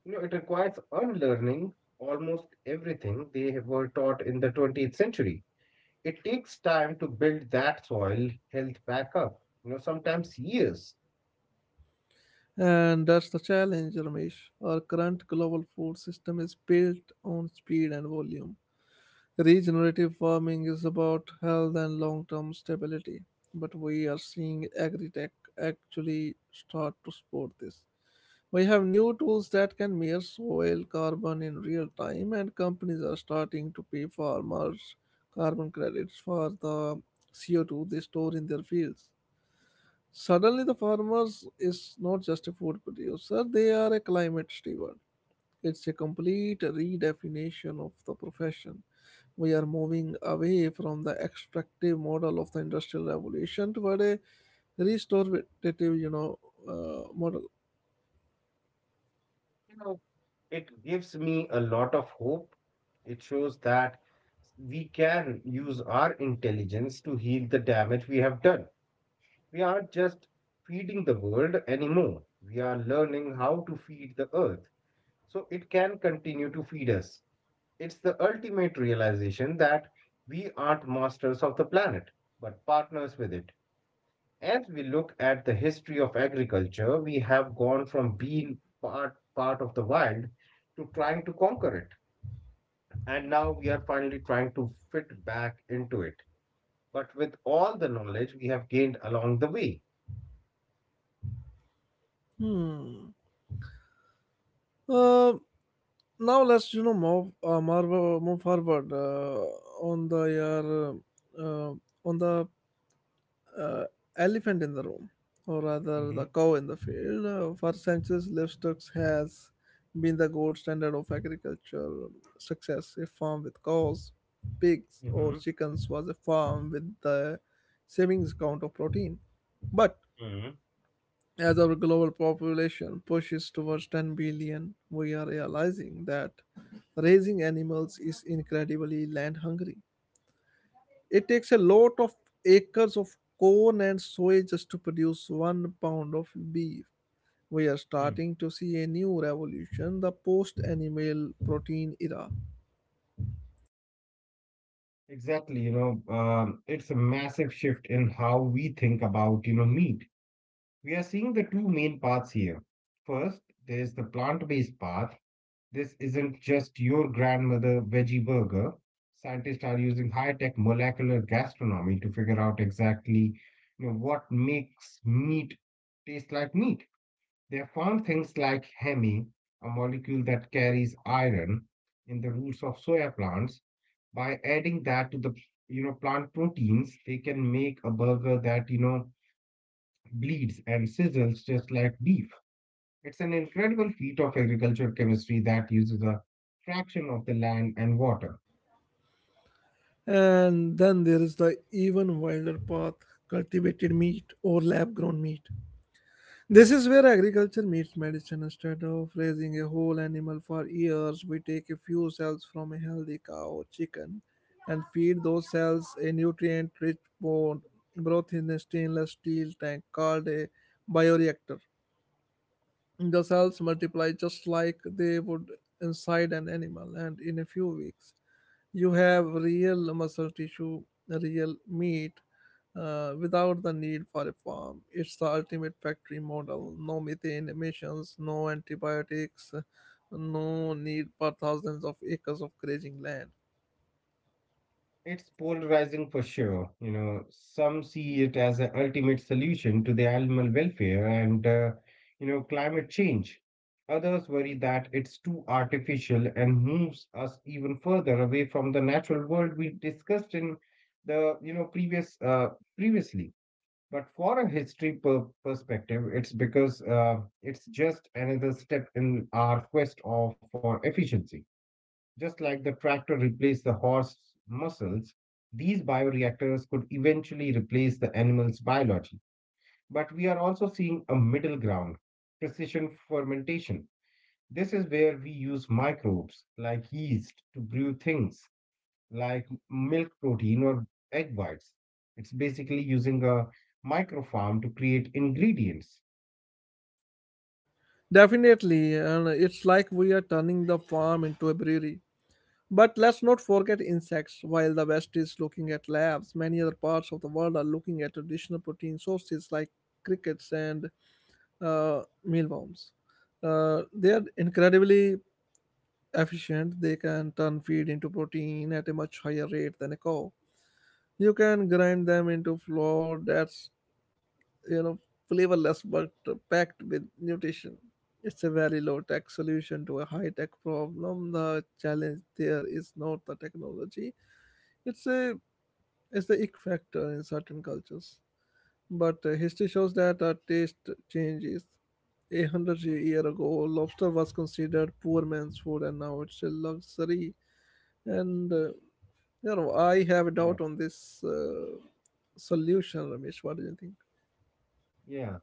[SPEAKER 2] You know, it requires unlearning almost everything they were taught in the 20th century. It takes time to build that soil health back up, you know, sometimes years.
[SPEAKER 1] And that's the challenge, Ramesh. Our current global food system is built on speed and volume. Regenerative farming is about health and long term stability. But we are seeing agri tech actually start to support this. We have new tools that can measure soil carbon in real time, and companies are starting to pay farmers carbon credits for the CO2 they store in their fields. Suddenly, the farmers is not just a food producer, they are a climate steward. It's a complete redefinition of the profession. We are moving away from the extractive model of the industrial revolution toward a restorative, you know, model.
[SPEAKER 2] You know, it gives me a lot of hope. It shows that we can use our intelligence to heal the damage we have done. We aren't just feeding the world anymore, we are learning how to feed the earth, so it can continue to feed us. It's the ultimate realization that we aren't masters of the planet, but partners with it. As we look at the history of agriculture, we have gone from being part of the wild to trying to conquer it. And now we are finally trying to fit back into it, but with all the knowledge we have gained along the way.
[SPEAKER 1] Hmm. Um, Now let's, you know, move forward, on the uh, uh, on the uh, elephant in the room, or rather
[SPEAKER 2] Hmm.
[SPEAKER 1] the cow in the field. For centuries livestock has been the gold standard of agriculture success. A farm with cows, pigs or
[SPEAKER 2] Hmm.
[SPEAKER 1] chickens was a farm with the savings count of protein. But
[SPEAKER 2] Hmm.
[SPEAKER 1] as our global population pushes towards 10 billion, we are realizing that raising animals is incredibly land hungry. It takes a lot of acres of corn and soy just to produce 1 pound of beef. We are starting to see a new revolution, the post animal protein era.
[SPEAKER 2] Exactly, you know, it's a massive shift in how we think about, meat. We are seeing the two main paths here. First, there's the plant-based path. This isn't just your grandmother veggie burger. Scientists are using high-tech molecular gastronomy to figure out exactly, what makes meat taste like meat. They have found things like hemi, a molecule that carries iron in the roots of soya plants. By adding that to the, plant proteins, they can make a burger that, bleeds and sizzles just like beef. It's an incredible feat of agricultural chemistry that uses a fraction of the land and water.
[SPEAKER 1] And then there is the even wilder path, cultivated meat or lab grown meat. This is where agriculture meets medicine. Instead of raising a whole animal for years, we take a few cells from a healthy cow or chicken and feed those cells a nutrient rich bone broth in a stainless steel tank called a bioreactor. The cells multiply just like they would inside an animal, and in a few weeks, you have real muscle tissue, real meat, without the need for a farm. It's the ultimate factory model. No methane emissions, no antibiotics, no need for thousands of acres of grazing land.
[SPEAKER 2] It's polarizing for sure. You know, some see it as an ultimate solution to the animal welfare and, climate change. Others worry that it's too artificial and moves us even further away from the natural world we discussed in the, previously. But for a history per perspective, it's because it's just another step in our quest of for efficiency. Just like the tractor replaced the horse muscles, these bioreactors could eventually replace the animal's biology. But we are also seeing a middle ground, precision fermentation. This is where we use microbes like yeast to brew things like milk protein or egg whites. It's basically using a microfarm to create ingredients.
[SPEAKER 1] Definitely, and it's like we are turning the farm into a brewery. But let's not forget insects. While the West is looking at labs, many other parts of the world are looking at traditional protein sources like crickets and mealworms. They are incredibly efficient. They can turn feed into protein at a much higher rate than a cow. You can grind them into flour. That's you know flavorless but packed with nutrition. It's a very low tech solution to a high tech problem. The challenge there is not the technology. It's a it's the ick factor in certain cultures. But history shows that our taste changes. A hundred year ago, lobster was considered poor man's food, and now it's a luxury. And I have a
[SPEAKER 2] Yeah.
[SPEAKER 1] doubt on this solution, Ramesh. What do you think?
[SPEAKER 2] Yeah,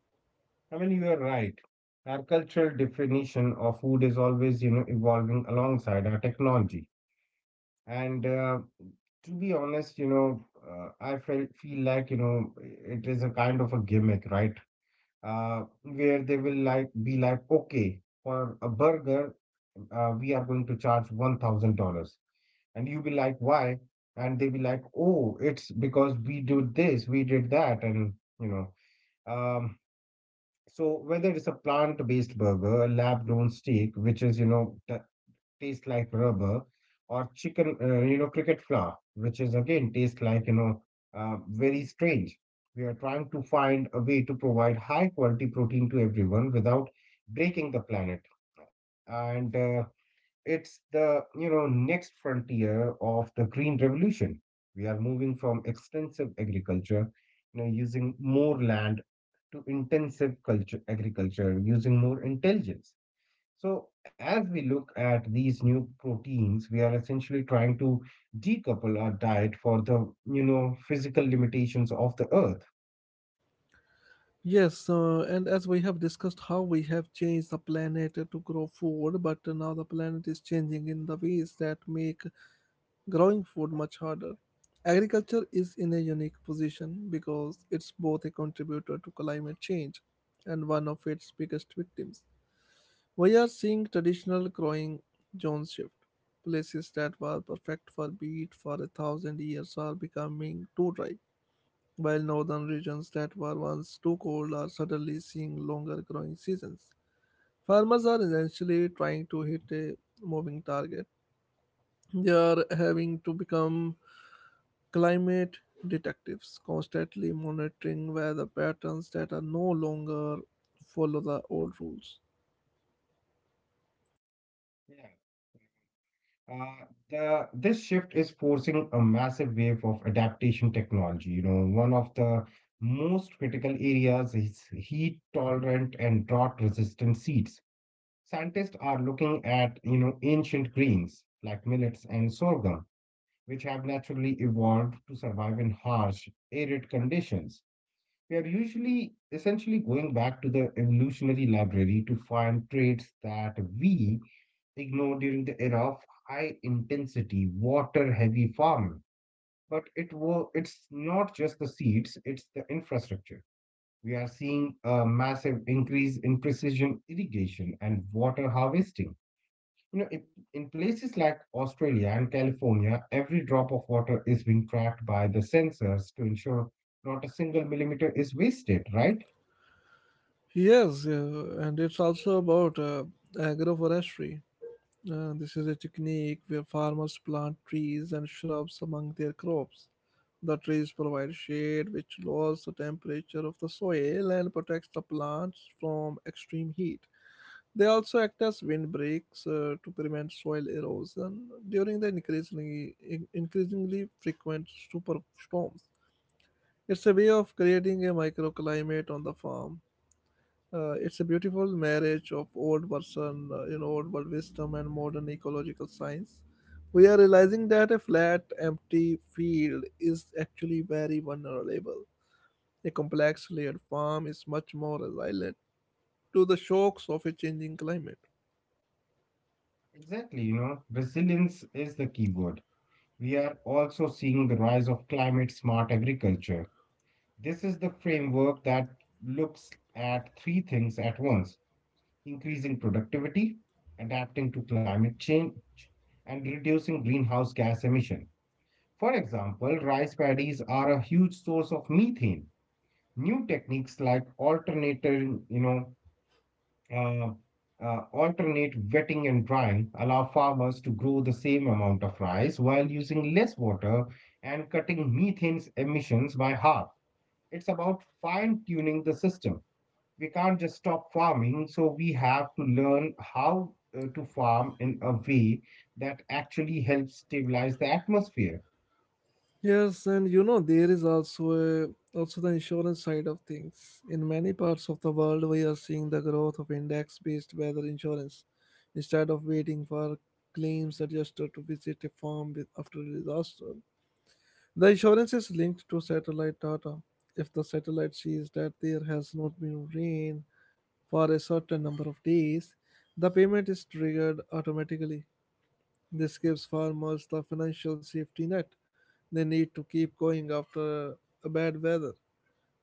[SPEAKER 2] I mean, you are right. Our cultural definition of food is always, you know, evolving alongside our technology. And To be honest, you know, I feel like, you know, it is a kind of a gimmick, right? Where they will like be like, okay, for a burger, we are going to charge $1,000. And you'll be like, why? And they'll be like, oh, it's because we did this, we did that, and you know. Um, so whether it's a plant-based burger, a lab-grown steak, which is, you know, t tastes like rubber, or chicken, you know, cricket flour, which is again tastes like, you know, very strange. We are trying to find a way to provide high-quality protein to everyone without breaking the planet. And It's the, you know, next frontier of the green revolution. We are moving from extensive agriculture, you know, using more land to intensive culture agriculture, using more intelligence. So as we look at these new proteins, we are essentially trying to decouple our diet for the, you know, physical limitations of the earth.
[SPEAKER 1] Yes, and as we have discussed how we have changed the planet to grow food, but now the planet is changing in the ways that make growing food much harder. Agriculture is in a unique position because it's both a contributor to climate change and one of its biggest victims. We are seeing traditional growing zones shift. Places that were perfect for wheat for a thousand years are becoming too dry while northern regions that were once too cold are suddenly seeing longer growing seasons. Farmers are essentially trying to hit a moving target. They are having to become climate detectives, constantly monitoring weather patterns that are no longer follow the old rules.
[SPEAKER 2] Uh, this shift is forcing a massive wave of adaptation technology. You know, one of the most critical areas is heat tolerant and drought resistant seeds. Scientists are looking at, you know, ancient grains like millets and sorghum, which have naturally evolved to survive in harsh, arid conditions. We are usually essentially going back to the evolutionary library to find traits that we ignored during the era of high intensity water heavy farming, but it's not just the seeds, it's the infrastructure. We are seeing a massive increase in precision irrigation and water harvesting. You know if, In places like Australia and California, every drop of water is being tracked by the sensors to ensure not a single millimeter is wasted, right?
[SPEAKER 1] Yes, yeah, and it's also about agroforestry. This is a technique where farmers plant trees and shrubs among their crops. The trees provide shade, which lowers the temperature of the soil and protects the plants from extreme heat. They also act as windbreaks to prevent soil erosion during the increasingly frequent superstorms. It's a way of creating a microclimate on the farm. It's a beautiful marriage of old version, old world wisdom and modern ecological science. We are realizing that a flat, empty field is actually very vulnerable. A complex layered farm is much more resilient to the shocks of a changing climate.
[SPEAKER 2] Exactly, you know, resilience is the key word. We are also seeing the rise of climate smart agriculture. This is the framework that looks at three things at once: increasing productivity, adapting to climate change, and reducing greenhouse gas emission. For example, rice paddies are a huge source of methane. New techniques like uh, alternate wetting and drying allow farmers to grow the same amount of rice while using less water and cutting methane's emissions by half. It's about fine tuning the system. We can't just stop farming, so we have to learn how to farm in a way that actually helps stabilize the atmosphere.
[SPEAKER 1] Yes, and you know there is also a, also the insurance side of things. In many parts of the world, we are seeing the growth of index-based weather insurance instead of waiting for claims adjuster to visit a farm with, after a disaster. The insurance is linked to satellite data. If the satellite sees that there has not been rain for a certain number of days, the payment is triggered automatically. This gives farmers the financial safety net they need to keep going after a bad weather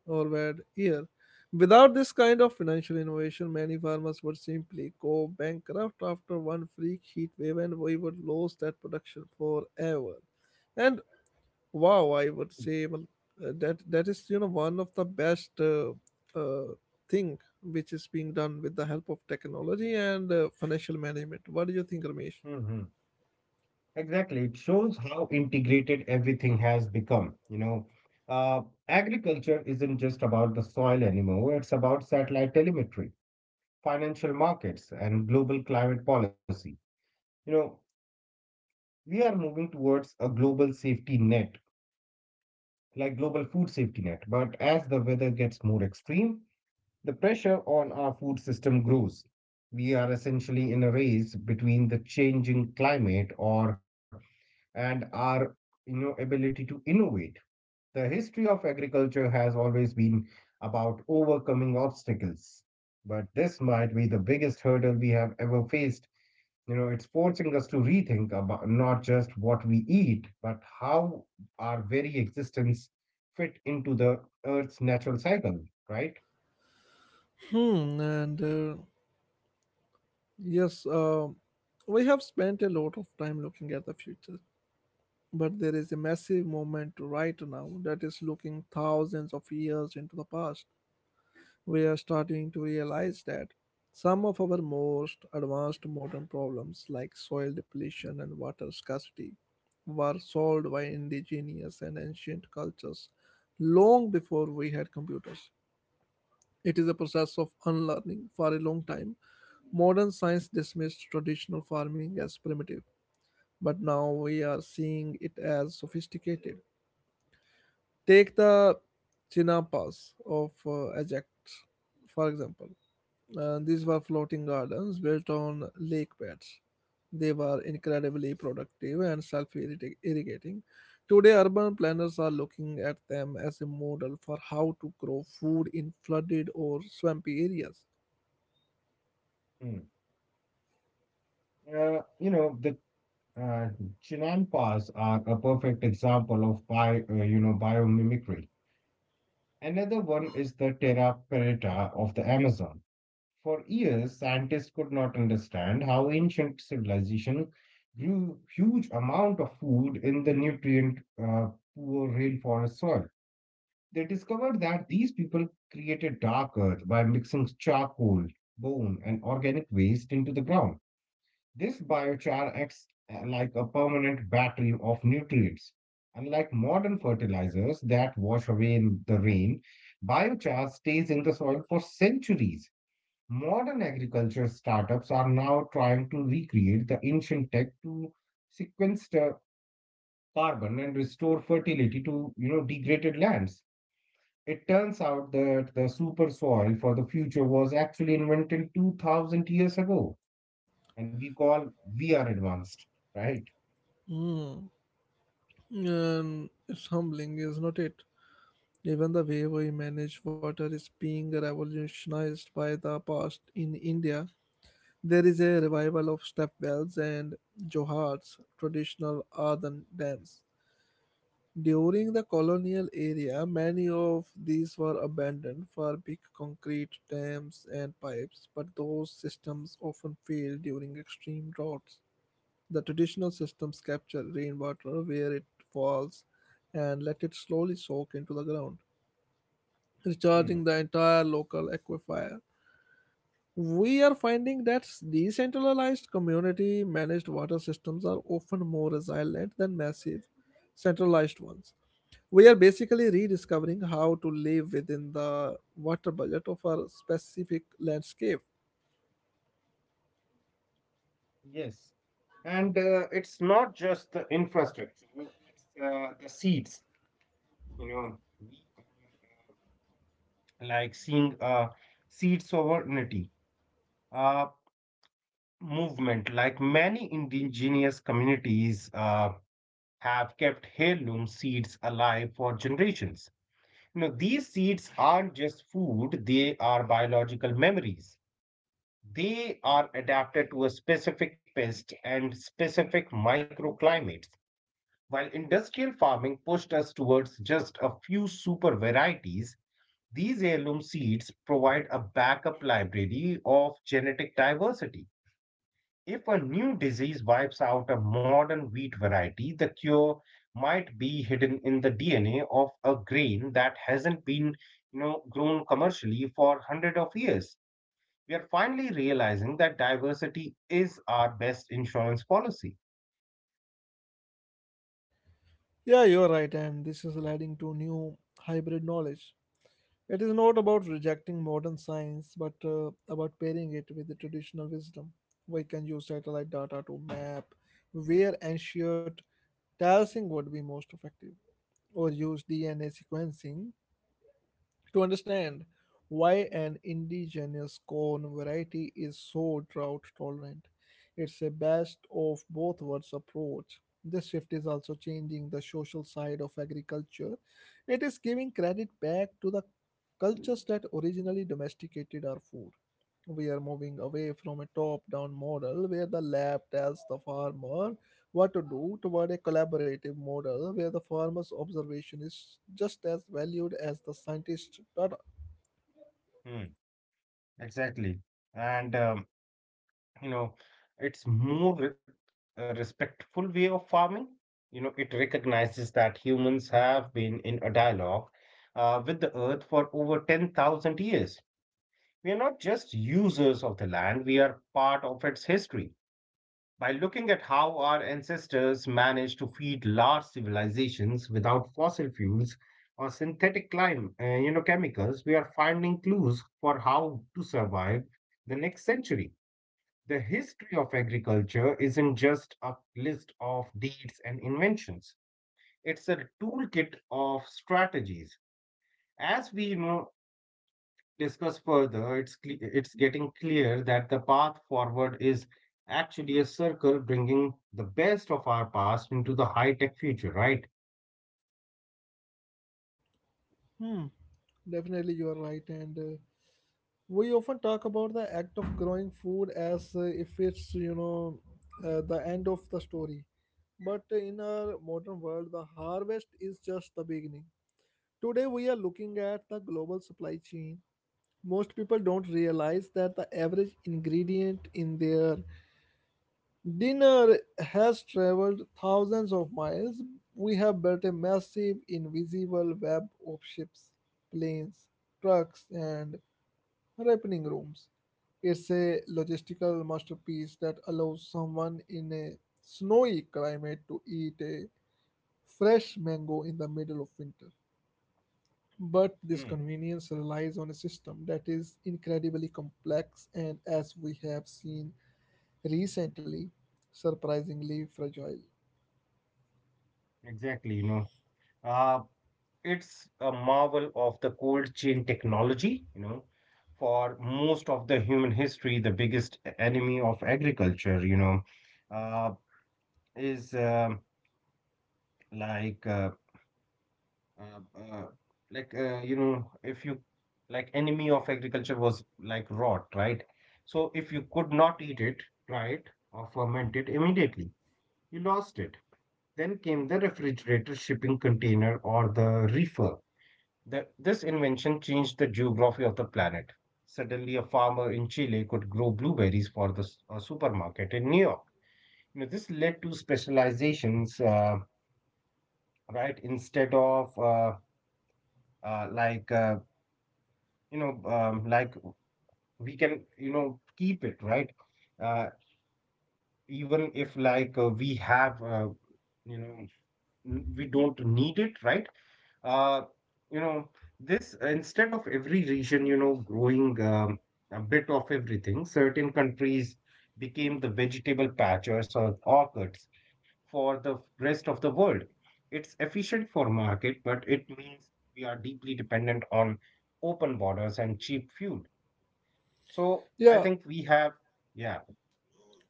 [SPEAKER 1] or bad year. Without this kind of financial innovation, many farmers would simply go bankrupt after one freak heat wave and we would lose that production forever. And wow, I would say well, that is you know one of the best uh, thing which is being done with the help of technology and financial management. What do you think, Ramesh?
[SPEAKER 2] Hmm. Exactly. It shows how integrated everything has become. You know, uh, agriculture isn't just about the soil anymore, it's about satellite telemetry, financial markets, and global climate policy. You know, we are moving towards a global safety net, like global food safety net. But as the weather gets more extreme, the pressure on our food system grows. We are essentially in a race between the changing climate or and our, you know, ability to innovate. The history of agriculture has always been about overcoming obstacles, but this might be the biggest hurdle we have ever faced. You know, it's forcing us to rethink about not just what we eat, but how our very existence fit into the earth's natural cycle, right?
[SPEAKER 1] Hmm, and uh, yes, we have spent a lot of time looking at the future, but there is a massive movement right now that is looking thousands of years into the past. We are starting to realize that some of our most advanced modern problems, like soil depletion and water scarcity, were solved by indigenous and ancient cultures long before we had computers. It is a process of unlearning for a long time. Modern science dismissed traditional farming as primitive, but now we are seeing it as sophisticated. Take the Chinapas of Ajax, for example. These were floating gardens built on lake beds. They were incredibly productive and self irrigating. Today, urban planners are looking at them as a model for how to grow food in flooded or swampy areas.
[SPEAKER 2] Hmm. You know the uh, Chinampas are a perfect example of you know, biomimicry. Another one is the terra preta of the Amazon. For years, scientists could not understand how ancient civilization grew huge amount of food in the nutrient poor rainforest soil. They discovered that these people created dark earth by mixing charcoal, bone, and organic waste into the ground. This biochar acts like a permanent battery of nutrients. Unlike modern fertilizers that wash away in the rain, biochar stays in the soil for centuries. Modern agriculture startups are now trying to recreate the ancient tech to sequester carbon and restore fertility to, you know, degraded lands. It turns out that the super soil for the future was actually invented 2000 years ago, and we are advanced, right?
[SPEAKER 1] Hmm. And it's humbling, is not it? Even the way we manage water is being revolutionized by the past in India. There is a revival of step wells and johars, traditional earthen dams. During the colonial era, many of these were abandoned for big concrete dams and pipes, but those systems often failed during extreme droughts. The traditional systems capture rainwater where it falls and let it slowly soak into the ground,
[SPEAKER 2] Hmm.
[SPEAKER 1] recharging the entire local aquifer. We are finding that decentralized community managed water systems are often more resilient than massive centralized ones. We are basically rediscovering how to live within the water budget of our specific landscape.
[SPEAKER 2] Yes. And It's not just the infrastructure, it's the seeds. You know, we are like seeing seeds sovereignty. Uh, Movement, like many indigenous communities, have kept heirloom seeds alive for generations. You know, these seeds aren't just food, they are biological memories. They are adapted to a specific pest and specific microclimates. While industrial farming pushed us towards just a few super varieties, these heirloom seeds provide a backup library of genetic diversity. If a new disease wipes out a modern wheat variety, the cure might be hidden in the DNA of a grain that hasn't been, you know, grown commercially for hundreds of years. We are finally realizing that diversity is our best insurance policy.
[SPEAKER 1] Yeah, you're right, and this is leading to new hybrid knowledge. It is not about rejecting modern science, but about pairing it with the traditional wisdom. We can use satellite data to map where ancient terracing would be most effective, or use DNA sequencing to understand why an indigenous corn variety is so drought tolerant. It's a best of both worlds approach. This shift is also changing the social side of agriculture. It is giving credit back to the cultures that originally domesticated our food. We are moving away from a top down model where the lab tells the farmer what to do toward a collaborative model where the farmer's observation is just as valued as the scientist's data.
[SPEAKER 2] Hmm, exactly. And You know, it's more re- a respectful way of farming. You know, it recognizes that humans have been in a dialogue with the earth for over 10,000 years. We are not just users of the land, we are part of its history. By looking at how our ancestors managed to feed large civilizations without fossil fuels or synthetic you know, chemicals, we are finding clues for how to survive the next century. The history of agriculture isn't just a list of deeds and inventions. It's a toolkit of strategies. As we know, discuss further, it's getting clear that the path forward is actually a circle, bringing the best of our past into the high-tech future, right?
[SPEAKER 1] Hmm, definitely you are right. And we often talk about the act of growing food as if it's, the end of the story. But in our modern world, the harvest is just the beginning. Today, we are looking at the global supply chain. Most people don't realize that the average ingredient in their dinner has traveled thousands of miles. We have built a massive, invisible web of ships, planes, trucks, and ripening rooms. It's a logistical masterpiece that allows someone in a snowy climate to eat a fresh mango in the middle of winter. But this
[SPEAKER 2] Hmm.
[SPEAKER 1] convenience relies on a system that is incredibly complex and, as we have seen recently, surprisingly fragile.
[SPEAKER 2] Exactly, you know. Uh, it's a marvel of the cold chain technology, you know. For most of the human history, the enemy of agriculture, you know, uh, is like uh, uh, uh, like you know if you like enemy of agriculture was like rot right so if you could not eat it dry it or ferment it immediately, you lost it. Then came the refrigerator shipping container, or the reefer. This invention changed the geography of the planet. Suddenly a farmer in Chile could grow blueberries for the a supermarket in New York. You know, this led to specializations, right? Instead of like you know, like We can, you know, keep it, right? Uh, even if like we have, you know, n- We don't need it, right? Uh, you know, this instead of every region, you know, growing a bit of everything, certain countries became the vegetable patches or orchards for the rest of the world. It's efficient for market, but it means we are deeply dependent on open borders and cheap fuel. So I
[SPEAKER 1] Yeah,
[SPEAKER 2] think we have, yeah,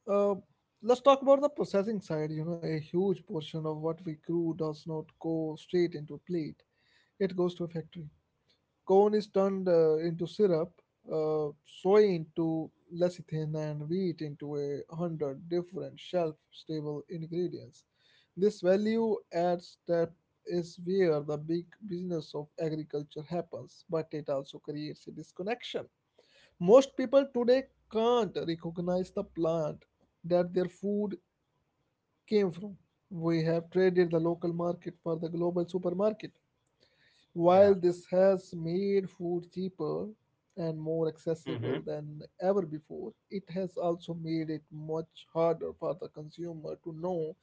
[SPEAKER 1] uh, let's talk about the processing side. You know, a huge portion of what we grew does not go straight into a plate, it goes to a factory. Corn is turned into syrup, soy into lecithin, and wheat into a hundred different shelf-stable ingredients. This value add step is where the big business of agriculture happens, but it also creates a disconnection. Most people today can't recognize the plant that their food came from. We have traded the local market for the global supermarket.
[SPEAKER 2] yeah,
[SPEAKER 1] While this has made food cheaper and more
[SPEAKER 2] hmm,
[SPEAKER 1] accessible than ever before, it has also made it much harder for the consumer to know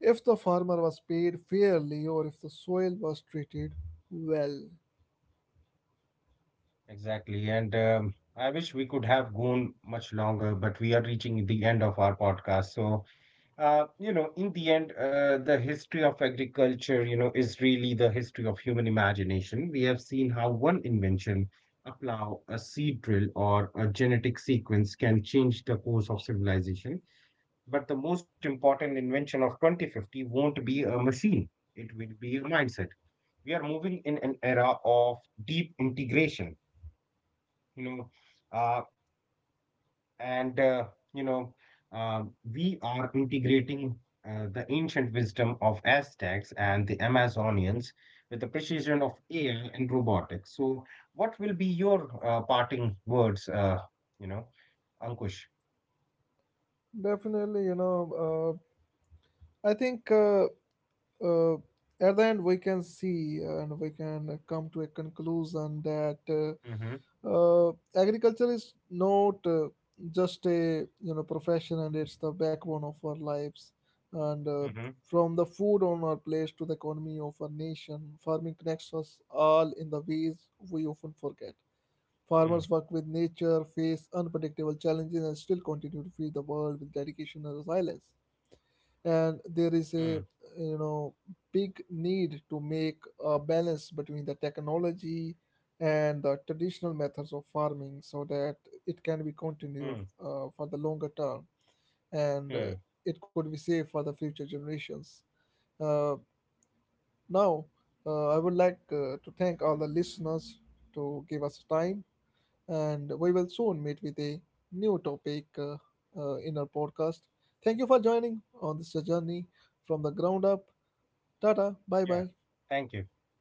[SPEAKER 1] if the farmer was paid fairly or if the soil was treated well.
[SPEAKER 2] exactly. And I wish we could have gone much longer, but we are reaching the end of our podcast. So, you know, in the end, the history of agriculture, you know, is really the history of human imagination. We have seen how one invention, a plow, a seed drill, or a genetic sequence can change the course of civilization. But the most important invention of 2050 won't be a machine, it will be a mindset. We are moving in an era of deep integration, you know, uh, and, uh, you know, uh, we are integrating the ancient wisdom of Aztecs and the Amazonians with the precision of AI and robotics. So, what will be your parting words, you know, Ankush?
[SPEAKER 1] Definitely, you know, I think uh, at the end we can see and we can come to a conclusion that.
[SPEAKER 2] Mm-hmm,
[SPEAKER 1] Uh, Agriculture is not just a you know profession, and it's the backbone of our lives. And
[SPEAKER 2] mm-hmm,
[SPEAKER 1] from the food on our plates to the economy of our nation, farming connects us all in the ways we often forget. Farmers work
[SPEAKER 2] mm,
[SPEAKER 1] with nature, face unpredictable challenges, and still continue to feed the world with dedication and resilience, and there is a
[SPEAKER 2] mm,
[SPEAKER 1] you know big need to make a balance between the technology and the traditional methods of farming so that it can be continued
[SPEAKER 2] mm,
[SPEAKER 1] for the longer term, and
[SPEAKER 2] mm.
[SPEAKER 1] it could be safe for the future generations. uh, Now I would like to thank all the listeners to give us time, and we will soon meet with a new topic in our podcast. Thank you for joining on this journey from the ground up. Ta ta. Bye
[SPEAKER 2] Yeah.
[SPEAKER 1] bye.
[SPEAKER 2] Thank you.